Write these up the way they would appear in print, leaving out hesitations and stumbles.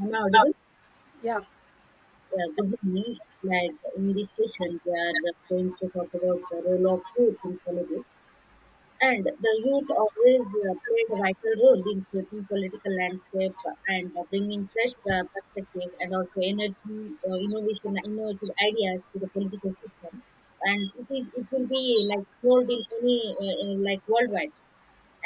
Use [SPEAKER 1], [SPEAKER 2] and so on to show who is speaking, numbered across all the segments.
[SPEAKER 1] Am I audible?
[SPEAKER 2] Yeah,
[SPEAKER 1] Yeah, good evening. Like in this session, we are going to talk about the role of youth in politics. And the youth always played a vital role in shaping political landscape and bringing fresh perspectives and also energy, innovation, innovative ideas to the political system. And it will be like world in any like worldwide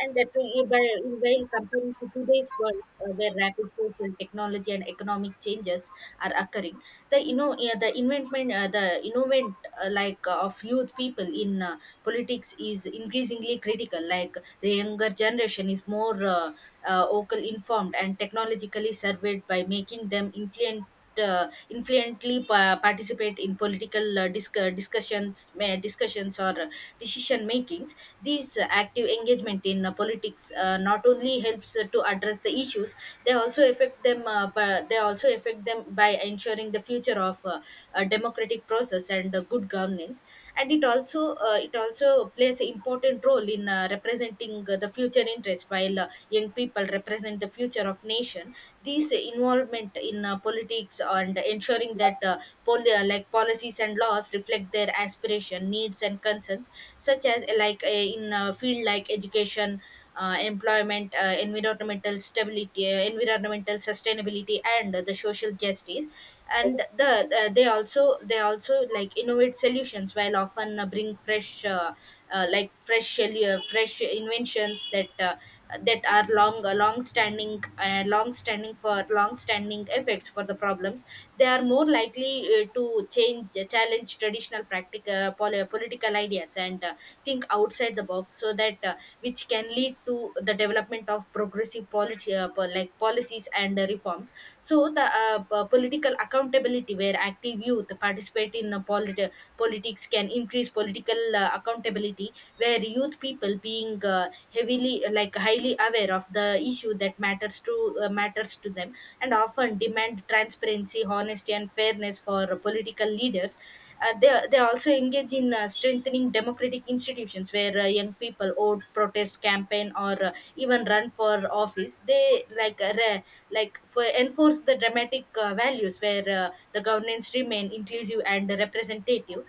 [SPEAKER 1] and that will invail comparing to today's world where rapid social technology and economic changes are occurring, the you know yeah, the investment, the innovate, of youth people in politics is increasingly critical. Like the younger generation is more vocal, informed and technologically surveyed, by making them influently participate in political discussions or decision makings. This active engagement in politics not only helps to address the issues they also affect them by ensuring the future of a democratic process and good governance. And it also plays an important role in representing the future interests interest while young people represent the future of nation. This involvement in politics and ensuring that like policies and laws reflect their aspiration needs and concerns, such as in a field like education, employment, environmental sustainability and the social justice. And the they also They also like innovate solutions while often bring fresh like fresh fresh inventions that are long standing effects for the problems. They are more likely to change challenge traditional practical political ideas and think outside the box so that which can lead to the development of progressive like policies and reforms. So political accountability, where active youth participate in politics, can increase political accountability, where youth people being heavily like highly aware of the issue that matters to them, and often demand transparency, honesty, and fairness awareness for political leaders. They also engage in strengthening democratic institutions where young people vote, protest, campaign, or even run for office. They for enforce the dramatic values where the governance remain inclusive and representative.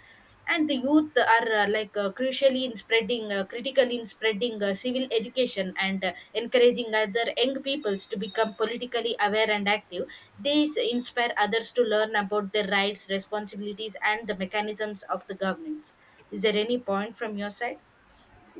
[SPEAKER 1] And the youth are like crucially in spreading critically in spreading civil education and encouraging other young peoples to become politically aware and active. These inspire others to learn about their rights, responsibilities and the mechanisms of the governance. Is there any point from your side?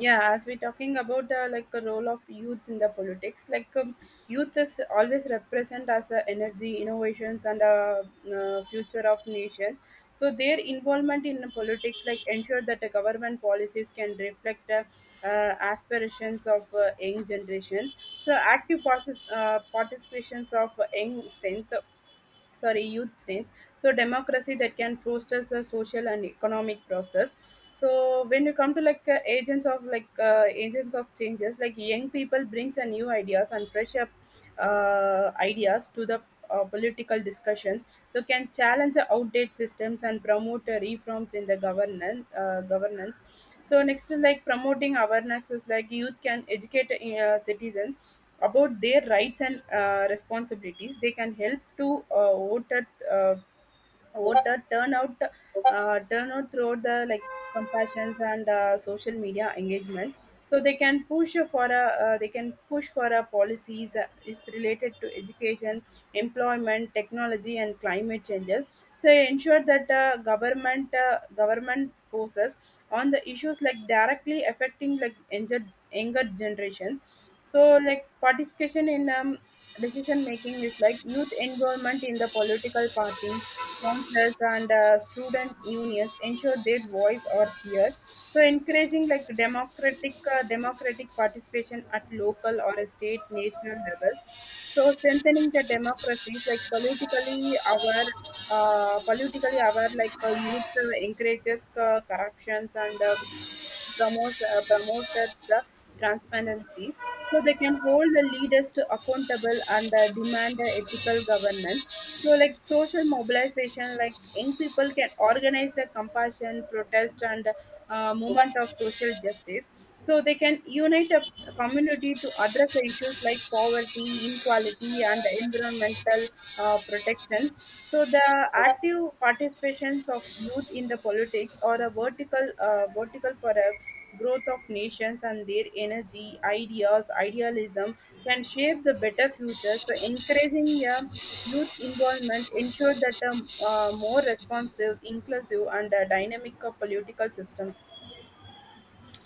[SPEAKER 2] yeah, as we're talking about like the role of youth in the politics, like youth is always represent as energy, innovations, and future of nations. So their involvement in politics, like, ensure that the government policies can reflect aspirations of young generations. So active participations of young strength, sorry, youth states, so democracy that can foster the social and economic process. So when you come to like agents of like agents of changes, like young people brings a new ideas and fresh up ideas to the political discussions, so can challenge the outdated systems and promote reforms in the governance. So next, like promoting awareness is like youth can educate citizens about their rights and responsibilities. They can help to voter voter turn out throughout the like compassions and social media engagement. So they can push for a they can push for a policies is related to education, employment, technology, and climate changes. They ensure that government government forces on the issues like directly affecting like younger generations. So like participation in decision making is like youth involvement in the political parties, councils, and student unions ensure their voice are heard. So encouraging like democratic participation at local or a state national level. So strengthening the democracies, like politically aware, like youth encourages corruptions and promotes promoted the transparency. So they can hold the leaders to accountable and demand ethical governance. So like social mobilization, like young people can organize a compassion, protest, and movement of social justice. So they can unite a the community to address the issues like poverty, inequality, and environmental protection. So the active participations of youth in the politics are a vertical for a growth of nations, and their energy, ideas, idealism can shape the better future. So encouraging a youth involvement ensure that a more responsive, inclusive, and dynamic political systems.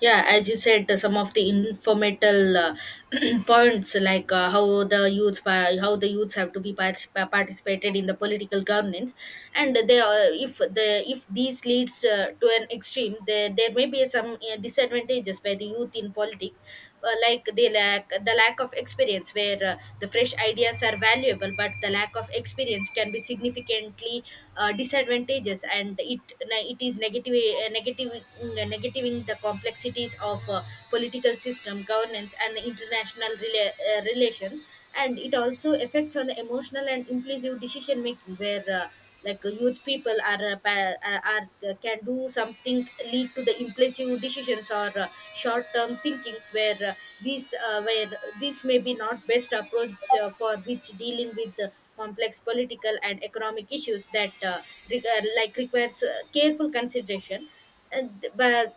[SPEAKER 1] Yeah, as you said some of the informational points like how the youths have to be participated in the political governance. And they are, if these leads to an extreme, there may be some disadvantages by the youth in politics. Like they lack the Lack of experience, where the fresh ideas are valuable but the lack of experience can be significantly disadvantageous, and it is negative negative negativing the complexities of political system, governance, and international relations. And it also affects on the emotional and impulsive decision making, where youth people are, can do something, lead to the impulsive decisions or short-term thinkings where these where this may be not best approach for which dealing with the complex political and economic issues that like requires careful consideration. And but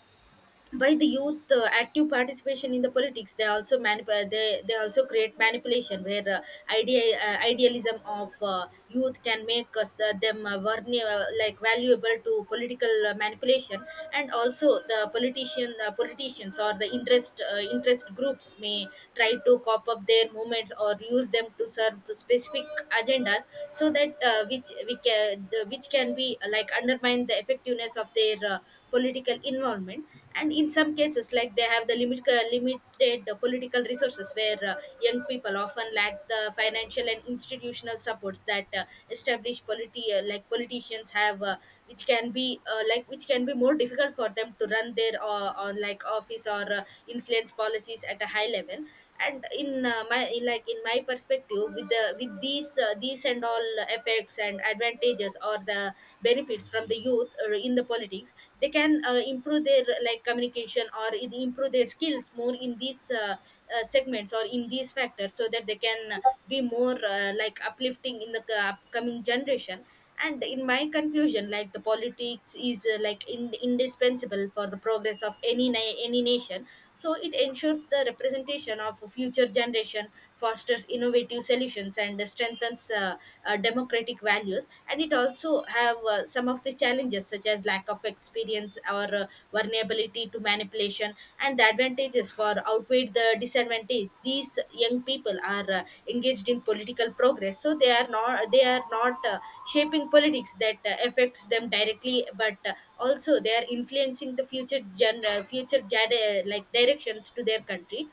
[SPEAKER 1] By the youth, active participation in the politics, they also create manipulation where idealism of youth can make us them valuable to political manipulation. And also the politicians or the interest groups may try to cop up their movements or use them to serve specific agendas, so that which can be undermine the effectiveness of their political involvement. And in some cases, like they have the limited political resources, where young people often lack the financial and institutional supports that established politicians have, which can be more difficult for them to run their on like office or influence policies at a high level. And in my perspective, with these and all effects, risks and advantages or the benefits from the youth in the politics, they can improve their like communication or improve their skills more in these segments or in these factors, so that they can be more like uplifting in the upcoming generation. And in my conclusion, like the politics is indispensable for the progress of any nation. So it ensures the representation of future generation, fosters innovative solutions and strengthens democratic values, and it also have some of the challenges such as lack of experience or vulnerability to manipulation. And the advantages for outweigh the disadvantage. These young people are engaged in political progress, so they are not shaping politics that affects them directly but also they are influencing the future directions to their country.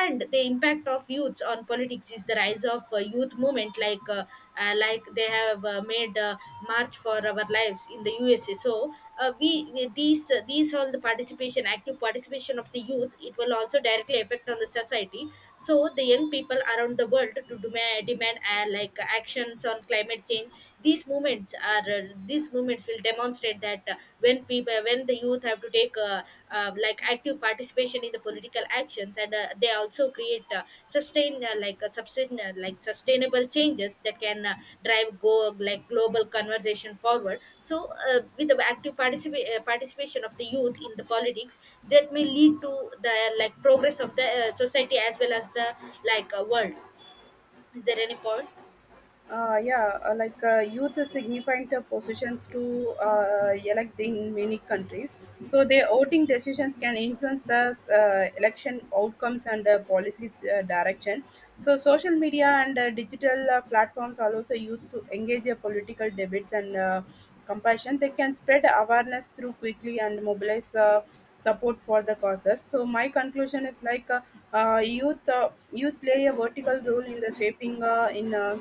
[SPEAKER 1] And the impact of youths on politics is the rise of youth movement, like they have made march for our lives in the USA. So we these all the participation, active participation of the youth, it will also directly affect on the society. So the young people around the world to demand actions on climate change. These movements are, these movements will demonstrate that when people, when the youth have to take active participation in the political actions. And they also create sustain like a sustain like sustainable changes that can drive go like global conversation forward. So with the active participation of the youth in the politics, that may lead to the progress of the society as well as the world. Is there any point?
[SPEAKER 2] Yeah, like youth is significant positions to elect in many countries. So their voting decisions can influence the election outcomes and policies direction. So social media and digital platforms allows the youth to engage in political debates and compassion. They can spread awareness through quickly and mobilize support for the causes. So my conclusion is like youth youth play a vertical role in the shaping in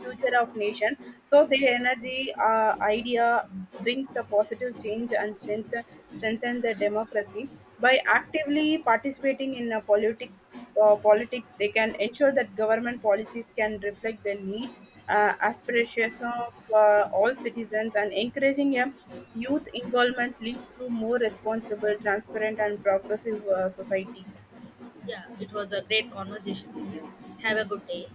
[SPEAKER 2] future of nations. So their energy idea brings a positive change and strengthen the democracy. By actively participating in a politic, politics, they can ensure that government policies can reflect the need, aspirations of all citizens, and encouraging a youth involvement leads to more responsible, transparent, and progressive society. Yeah,
[SPEAKER 1] Yeah, it was a great conversation with
[SPEAKER 2] yeah.
[SPEAKER 1] you. Have
[SPEAKER 2] Thank
[SPEAKER 1] a good
[SPEAKER 2] you.
[SPEAKER 1] day.